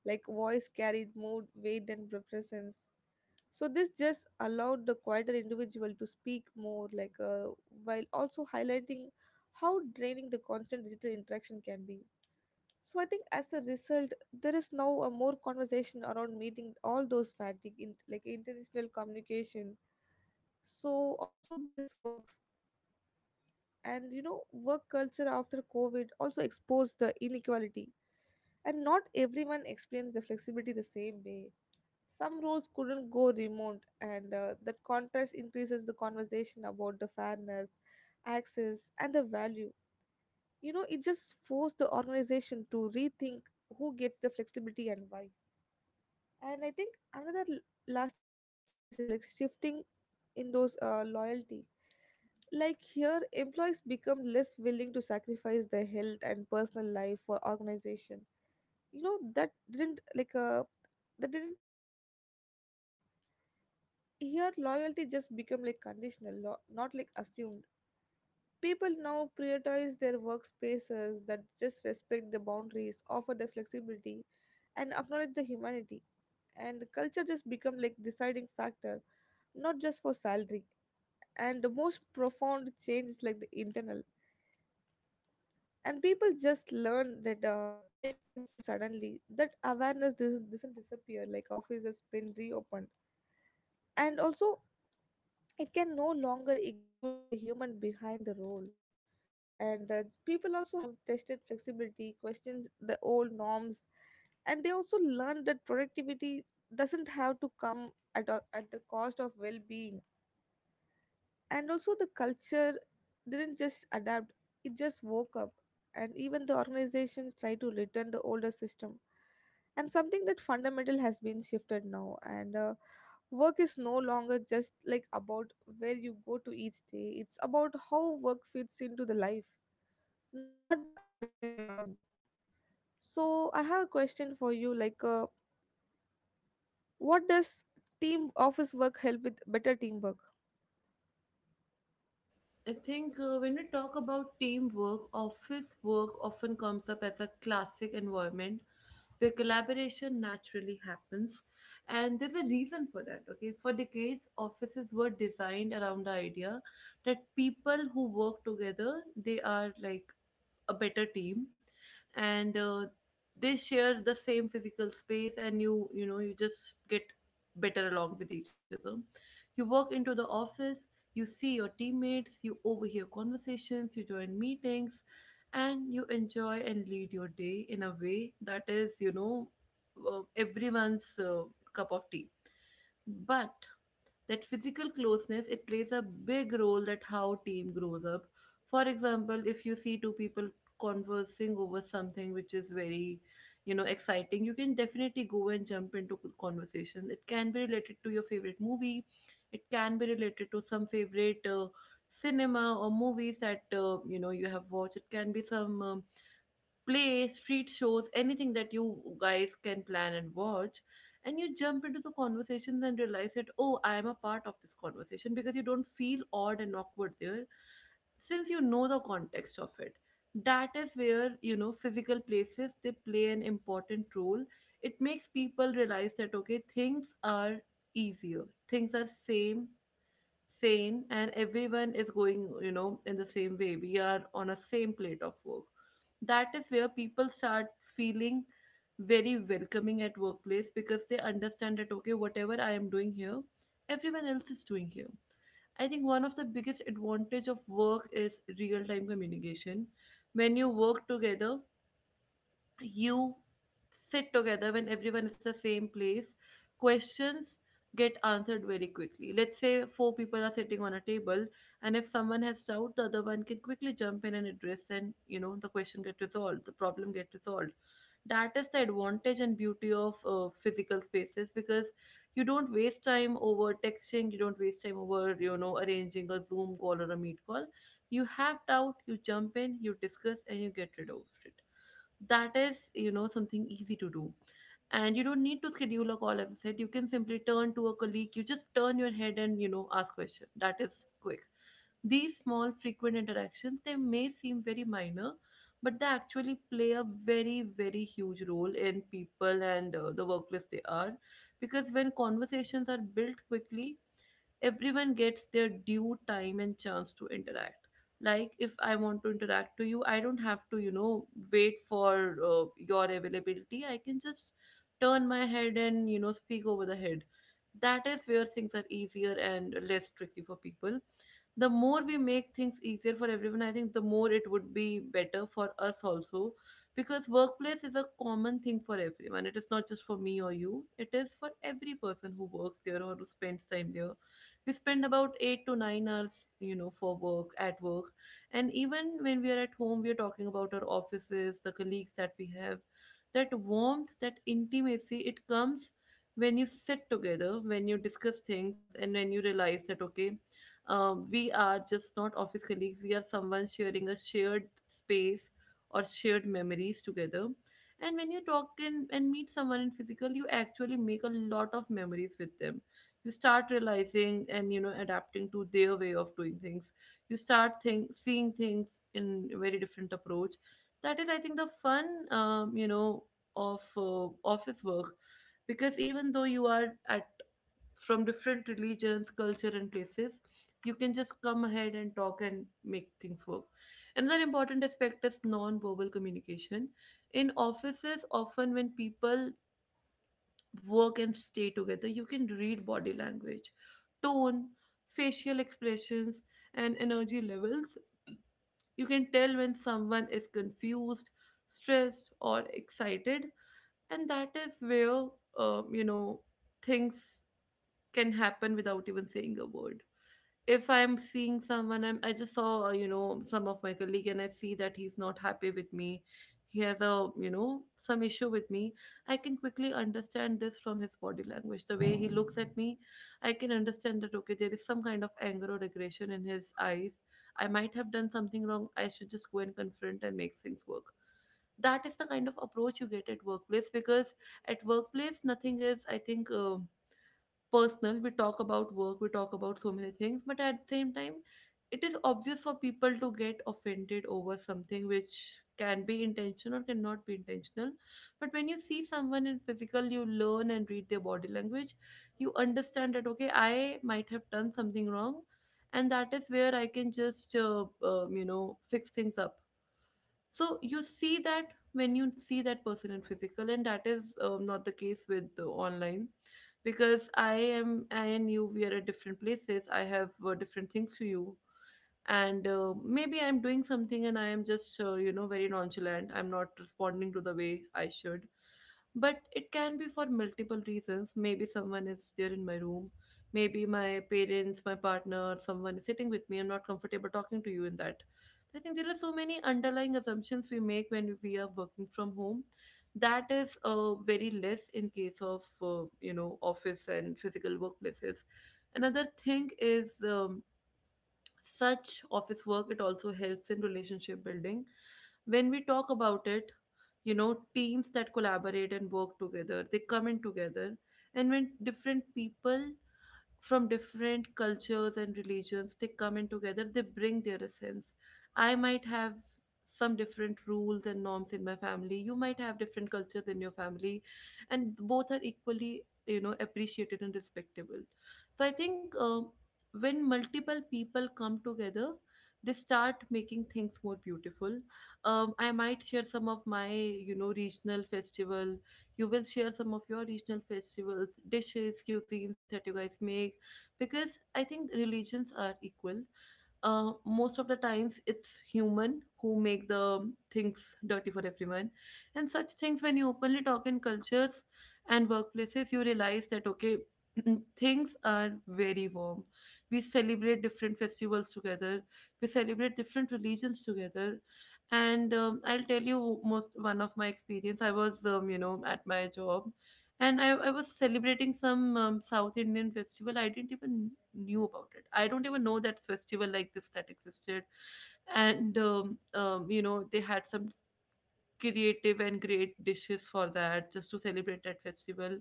[SPEAKER 2] like voice carried mood weight and presence. So this just allowed the quieter individual to speak more, like uh, while also highlighting how draining the constant digital interaction can be. So I think as a result, there is now a more conversation around meeting all those fatigue in like international communication. So also this works. And you know, work culture after COVID also exposed the inequality, and not everyone experienced the flexibility the same way. Some roles couldn't go remote, and uh, that contrast increases the conversation about the fairness, access, and the value. You know, it just forced the organization to rethink who gets the flexibility and why. And I think another l- lasting changes is like shifting in those uh, loyalty. Like here, employees become less willing to sacrifice their health and personal life for organization. You know, that didn't like uh, that didn't recognize their care. Here, loyalty just become like conditional, lo- not like assumed. People now prioritize their workspaces that just respect the boundaries, offer the flexibility, and acknowledge the humanity. And culture just become like deciding factor, not just for salary. And the most profound change is like the internal. And people just learn that uh, life can change suddenly. That awareness doesn't, doesn't disappear like office has been reopened. And also, it can no longer ignore the human behind the role. And uh, people also have tested flexibility questions the old norms. And they also learn that productivity doesn't have to come at, a- at the cost of well-being. And also the culture didn't just adapt, it just woke up. And even the organizations try to return the older system, and something that fundamental has been shifted now. And uh, work is no longer just like about where you go to each day. It's about how work fits into the life, not the other way around. So I have a question for you, like uh, what does team office work help with better teamwork?
[SPEAKER 1] I think uh, when we talk about teamwork, office work often comes up as a classic environment where collaboration naturally happens. And there's a reason for that, okay? For decades, offices were designed around the idea that people who work together, they are like a better team, and uh, they share the same physical space, and you you know you just get better along with each other. You walk into the office, you see your teammates, you overhear conversations, you join meetings, and you enjoy and lead your day in a way that is, you know, uh, everyone's uh, cup of tea. But that physical closeness, it plays a big role that how team grows up. For example, if you see two people conversing over something which is very, you know, exciting, you can definitely go and jump into c- conversation. It can be related to your favorite movie, it can be related to some favorite uh, cinema or movies that, uh, you know, you have watched. It can be some um, play, street shows, anything that you guys can plan and watch. And you jump into the conversations and realize that, oh, I am a part of this conversation because you don't feel odd and awkward there, since you know the context of it. That is where, you know, physical places, they play an important role. It makes people realize that okay, things are easier, things are same, sane, and everyone is going, you know, in the same way, we are on a same plate of work. That is where people start feeling very welcoming at workplace, because they understand that okay, whatever I am doing here, everyone else is doing here. I think one of the biggest advantage of work is real time communication. When you work together, you sit together, when everyone is the same place, questions get answered very quickly. Let's say four people are sitting on a table, and if someone has doubt, the other one can quickly jump in and address, and you know, the question get resolved, the problem get resolved. That is the advantage and beauty of uh, physical spaces, because you don't waste time over texting, you don't waste time over, you know, arranging a Zoom call or a Meet call. You have doubt, you jump in, you discuss, and you get rid of it. That is, you know, something easy to do. And you don't need to schedule a call. As I said, you can simply turn to a colleague, you just turn your head and, you know, ask question. That is quick. These small frequent interactions, they may seem very minor, but they actually play a very very huge role in people and, uh, the workplace they are. Because when conversations are built quickly, everyone gets their due time and chance to interact. Like if I want to interact to you, I don't have to, you know, wait for uh, your availability, I can just turn my head and, you know, speak over the head. That is where things are easier and less tricky for people. The more we make things easier for everyone, I think the more it would be better for us also, because workplace is a common thing for everyone. It is not just for me or you, it is for every person who works there or who spends time there. We spend about eight to nine hours, you know, for work at work. And even when we are at home, we are talking about our offices, the colleagues that we have. That warmth, that intimacy, it comes when you sit together, when you discuss things, and when you realize that okay, um, we are just not office colleagues, we are someone sharing a shared space or shared memories together. And when you talk in and meet someone in physical, you actually make a lot of memories with them. You start realizing and, you know, adapting to their way of doing things. You start think, seeing things in a very different approach. That is, I think, the fun, um, you know, of uh, office work. Because even though you are at from different religions, culture, and places, you can just come ahead and talk and make things work. Another important aspect is non-verbal communication. In offices, often when people work and stay together, you can read body language, tone, facial expressions, and energy levels. You can tell when someone is confused, stressed, or excited, and that is where, um, you know, things can happen without even saying a word. If I'm seeing someone, I'm, I just saw, uh, you know, some of my colleague, and I see that he's not happy with me. He has a, you know, some issue with me. I can quickly understand this from his body language. The way he looks at me, I can understand that, okay, there is some kind of anger or aggression in his eyes. I might have done something wrong. I should just go and confront and make things work. That is the kind of approach you get at workplace, because at workplace nothing is, I think, uh, personal. We talk about work, we talk about so many things, but at the same time, it is obvious for people to get offended over something which can be intentional or cannot be intentional. But when you see someone in physical, you learn and read their body language. You understand that okay, I might have done something wrong, and that is where I can just uh, um, you know, fix things up. So you see that when you see that person in physical, and that is, um, not the case with the online. Because I am I and you, we are at different places, I have uh, different things to you. And uh, maybe I'm doing something and I am just, uh, you know, very nonchalant, I'm not responding to the way I should. But it can be for multiple reasons. Maybe someone is there in my room, maybe my parents, my partner, someone is sitting with me, I'm not comfortable talking to you in that. I think there are so many underlying assumptions we make when we are working from home. That is uh, very less in case of, uh, you know, office and physical workplaces. Another thing is, um, such office work, it also helps in relationship building. When we talk about it, you know, teams that collaborate and work together, they come in together. And when different people from different cultures and religions, they come in together, they bring their essence. I might have some different rules and norms in my family, you might have different cultures in your family, and both are equally, you know, appreciated and respectable. So I think, um, when multiple people come together, they start making things more beautiful. um, I might share some of my, you know, regional festival, you will share some of your regional festivals, dishes, cuisines that you guys make. Because I think religions are equal. uh, most of the times it's human who make the things dirty for everyone. And such things, when you openly talk in cultures and workplaces, you realize that okay, things are very warm. We celebrate different festivals together, we celebrate different religions together. And um, I'll tell you most one of my experience, I was, um, you know, at my job, and I, I was celebrating some um, South Indian festival. I didn't even knew about it. I don't even know that festival like this that existed. And um, um, you know, they had some creative and great dishes for that just to celebrate that festival.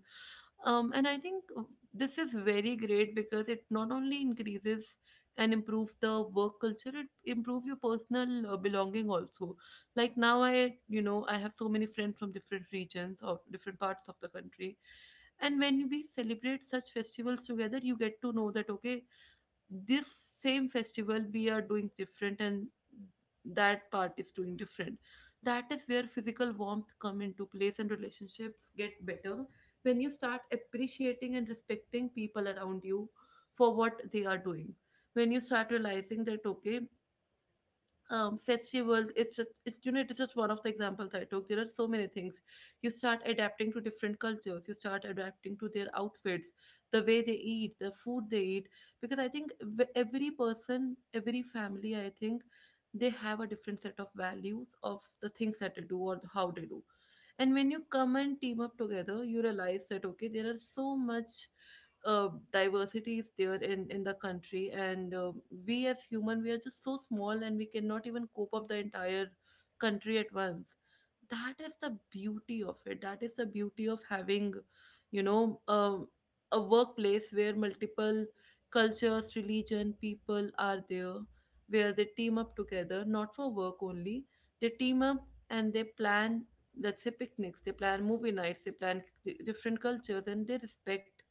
[SPEAKER 1] Um, and i think uh, this is very great because it not only increases and improves the work culture, it improves your personal uh, belonging also. Like now, I you know I have so many friends from different regions, of different parts of the country, and when we celebrate such festivals together, you get to know that, okay, this same festival we are doing different and that part is doing different. That is where physical warmth come into place and relationships get better, when you start appreciating and respecting people around you for what they are doing, when you start realizing that, okay, um festivals, it's just it's you know it's just one of the examples I took. There are so many things. You start adapting to different cultures, you start adapting to their outfits, the way they eat, the food they eat, because I think v- every person, every family, I think they have a different set of values of the things that they do or how they do. And when you come and team up together, you realize that, okay, there are so much uh, diversity is there in in the country, and uh, we as human, we are just so small and we cannot even cope up the entire country at once. That is the beauty of it, that is the beauty of having, you know um, a workplace where multiple cultures, religion, people are there, where they team up together not for work only. They team up and they plan, let's say picnics, they plan movie nights, they plan c- different cultures, and they respect.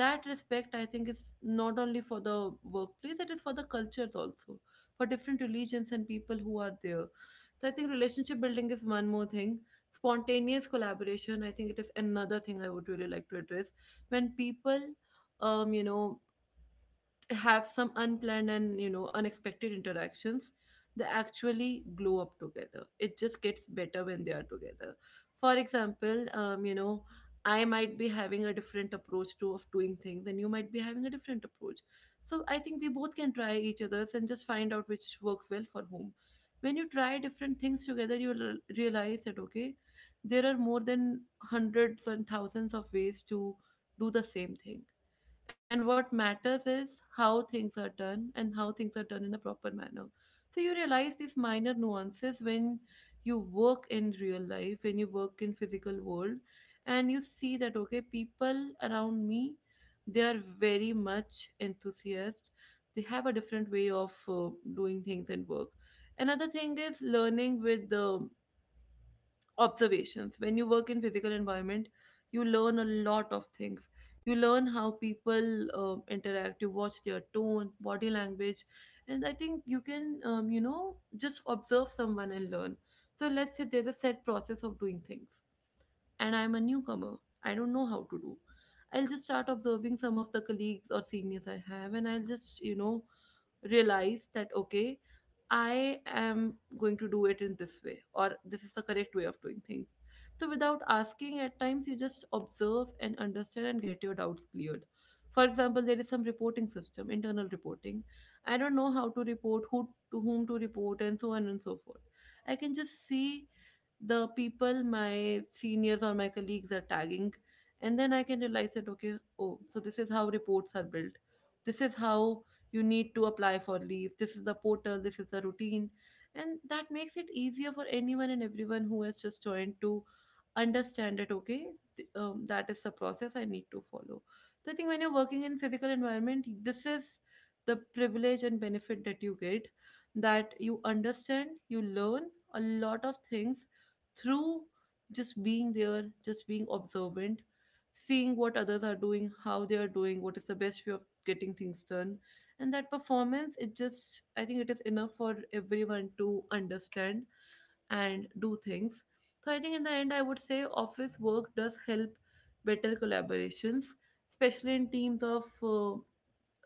[SPEAKER 1] That respect, I think, is not only for the workplace, it is for the cultures also, for different religions and people who are there. So I think relationship building is one more thing. Spontaneous collaboration, I think it is another thing I would really like to address. When people, um you know have some unplanned and, you know, unexpected interactions, they actually glow up together. It just gets better when they are together. For example, um, you know I might be having a different approach to of doing things, and you might be having a different approach. So I think we both can try each other's and just find out which works well for whom. When you try different things together, you will realize that, okay, there are more than hundreds and thousands of ways to do the same thing. And what matters is how things are done and how things are done in a proper manner. So you realize these minor nuances when you work in real life, when you work in physical world, and you see that, okay, people around me, they are very much enthusiast. They have a different way of uh, doing things and work. Another thing is learning with the observations. When you work in physical environment, you learn a lot of things. You learn how people um, interact, you watch their tone, body language, and I think you can, um, you know just observe someone and learn. So let's say there's a set process of doing things and I'm a newcomer. I don't know how to do. I'll just start observing some of the colleagues or seniors I have, and I'll just, you know, realize that, okay, I am going to do it in this way, or this is the correct way of doing things. So, without asking, at times you just observe and understand and get your doubts cleared. For example, there is some reporting system, internal reporting. I don't know how to report, who to whom to report, and so on and so forth. I can just see the people my seniors or my colleagues are tagging, and then I can realize that, okay, oh, so this is how reports are built, this is how you need to apply for leave, this is the portal, this is the routine. And that makes it easier for anyone and everyone who has just joined to understand that, okay, th- um, that is the process I need to follow. So I think when you're working in physical environment, this is the privilege and benefit that you get, that you understand, you learn a lot of things through just being there, just being observant, seeing what others are doing, how they are doing, what is the best way of getting things done. And that performance, it just, I think it is enough for everyone to understand and do things. So I think in the end, I would say office work does help better collaborations, especially in teams of uh,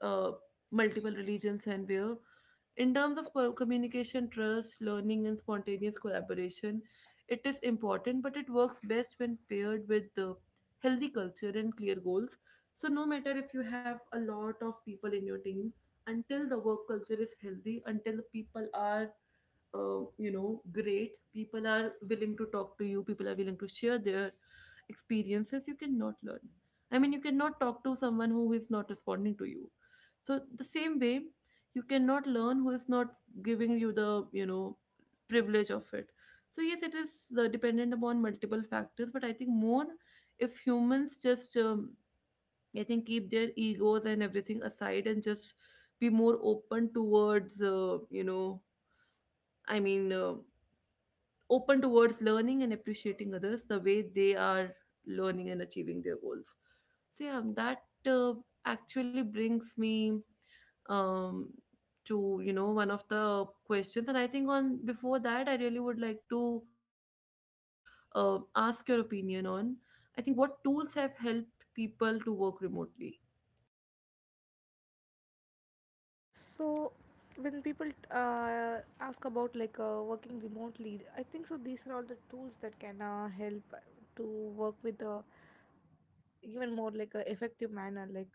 [SPEAKER 1] uh, multiple religions, and where in terms of co- communication, trust, learning, and spontaneous collaboration, it is important, but it works best when paired with the healthy culture and clear goals. So, no matter if you have a lot of people in your team, until the work culture is healthy, until the people are uh, you know great, people are willing to talk to you, people are willing to share their experiences, you cannot learn. I mean, you cannot talk to someone who is not responding to you. So the same way, you cannot learn who is not giving you the, you know, privilege of it. So yes, it is uh, dependent upon multiple factors, but I think more if humans just um, I think keep their egos and everything aside and just be more open towards, uh, you know i mean uh, open towards learning and appreciating others the way they are, learning and achieving their goals. So yeah, that uh, actually brings me, um, to, you know, one of the questions, and I think on before that, I really would like to uh, ask your opinion on. I think what tools have helped people to work remotely.
[SPEAKER 2] So, when people uh, ask about like uh, working remotely, I think so, these are all the tools that can uh, help to work with a even more like a effective manner. Like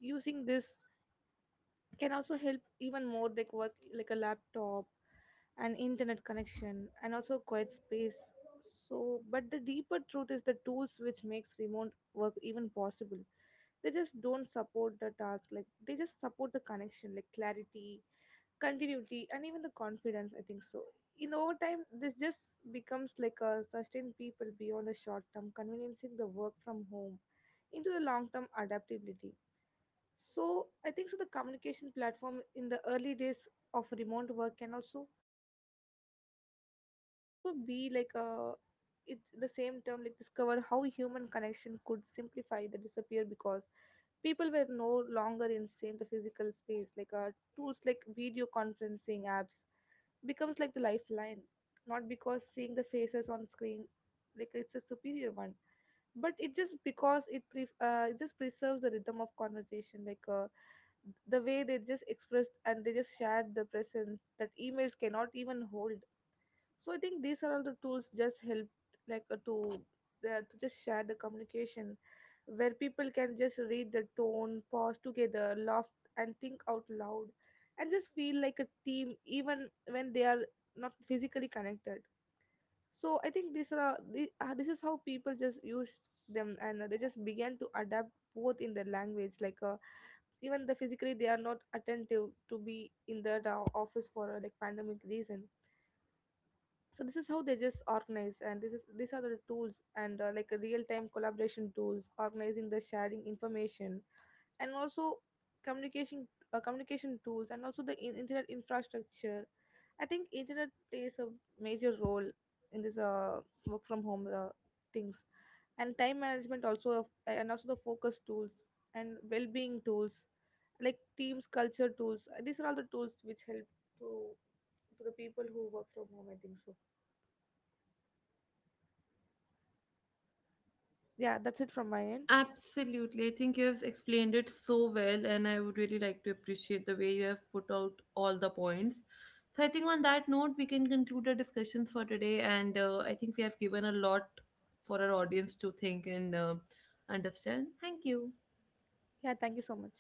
[SPEAKER 2] using this can also help even more, like work like a laptop and internet connection and also quiet space. So but the deeper truth is the tools which makes remote work even possible, they just don't support the task, like they just support the connection, like clarity, continuity and even the confidence, I think so. In over time, this just becomes like a sustain people beyond the short term conveniencing the work from home into the long term adaptability. So I think so the communication platform in the early days of remote work can also can also be like a, it's the same term, like discover how human connection could simplify the disappear, because people were no longer in same the physical space. Like uh, tools like video conferencing apps becomes like the lifeline, not because seeing the faces on screen like it's a superior one, but it just because it pre- uh, it just preserves the rhythm of conversation. Like uh, the way they just expressed and they just shared the presence that emails cannot even hold. So I think these are all the tools just help, like uh, to uh, to just share the communication where people can just read the tone, pause together, laugh and think out loud and just feel like a team even when they are not physically connected. So I think these are the- uh, this is how people just use them. And uh, they just began to adapt both in the language. Like uh, even the physically they are not attentive to be in the uh, office for uh, like pandemic reason. So this is how they just organize. And this is these are the tools and uh, like real time collaboration tools organizing the sharing information and also communication, uh, communication tools and also the in- internet infrastructure. I think internet plays a major role in this uh, work from home uh, things, and time management also of- and also the focus tools and well-being tools, like teams culture tools. These are all the tools which help to to the people who work from home, I think so. Yeah, that's it from my end.
[SPEAKER 1] Absolutely. I think you have explained it so well, and I would really like to appreciate the way you have put out all the points. So, I think on that note, we can conclude our discussions for today, and uh, I think we have given a lot for our audience to think and uh, understand. Thank you.
[SPEAKER 2] Yeah, thank you so much.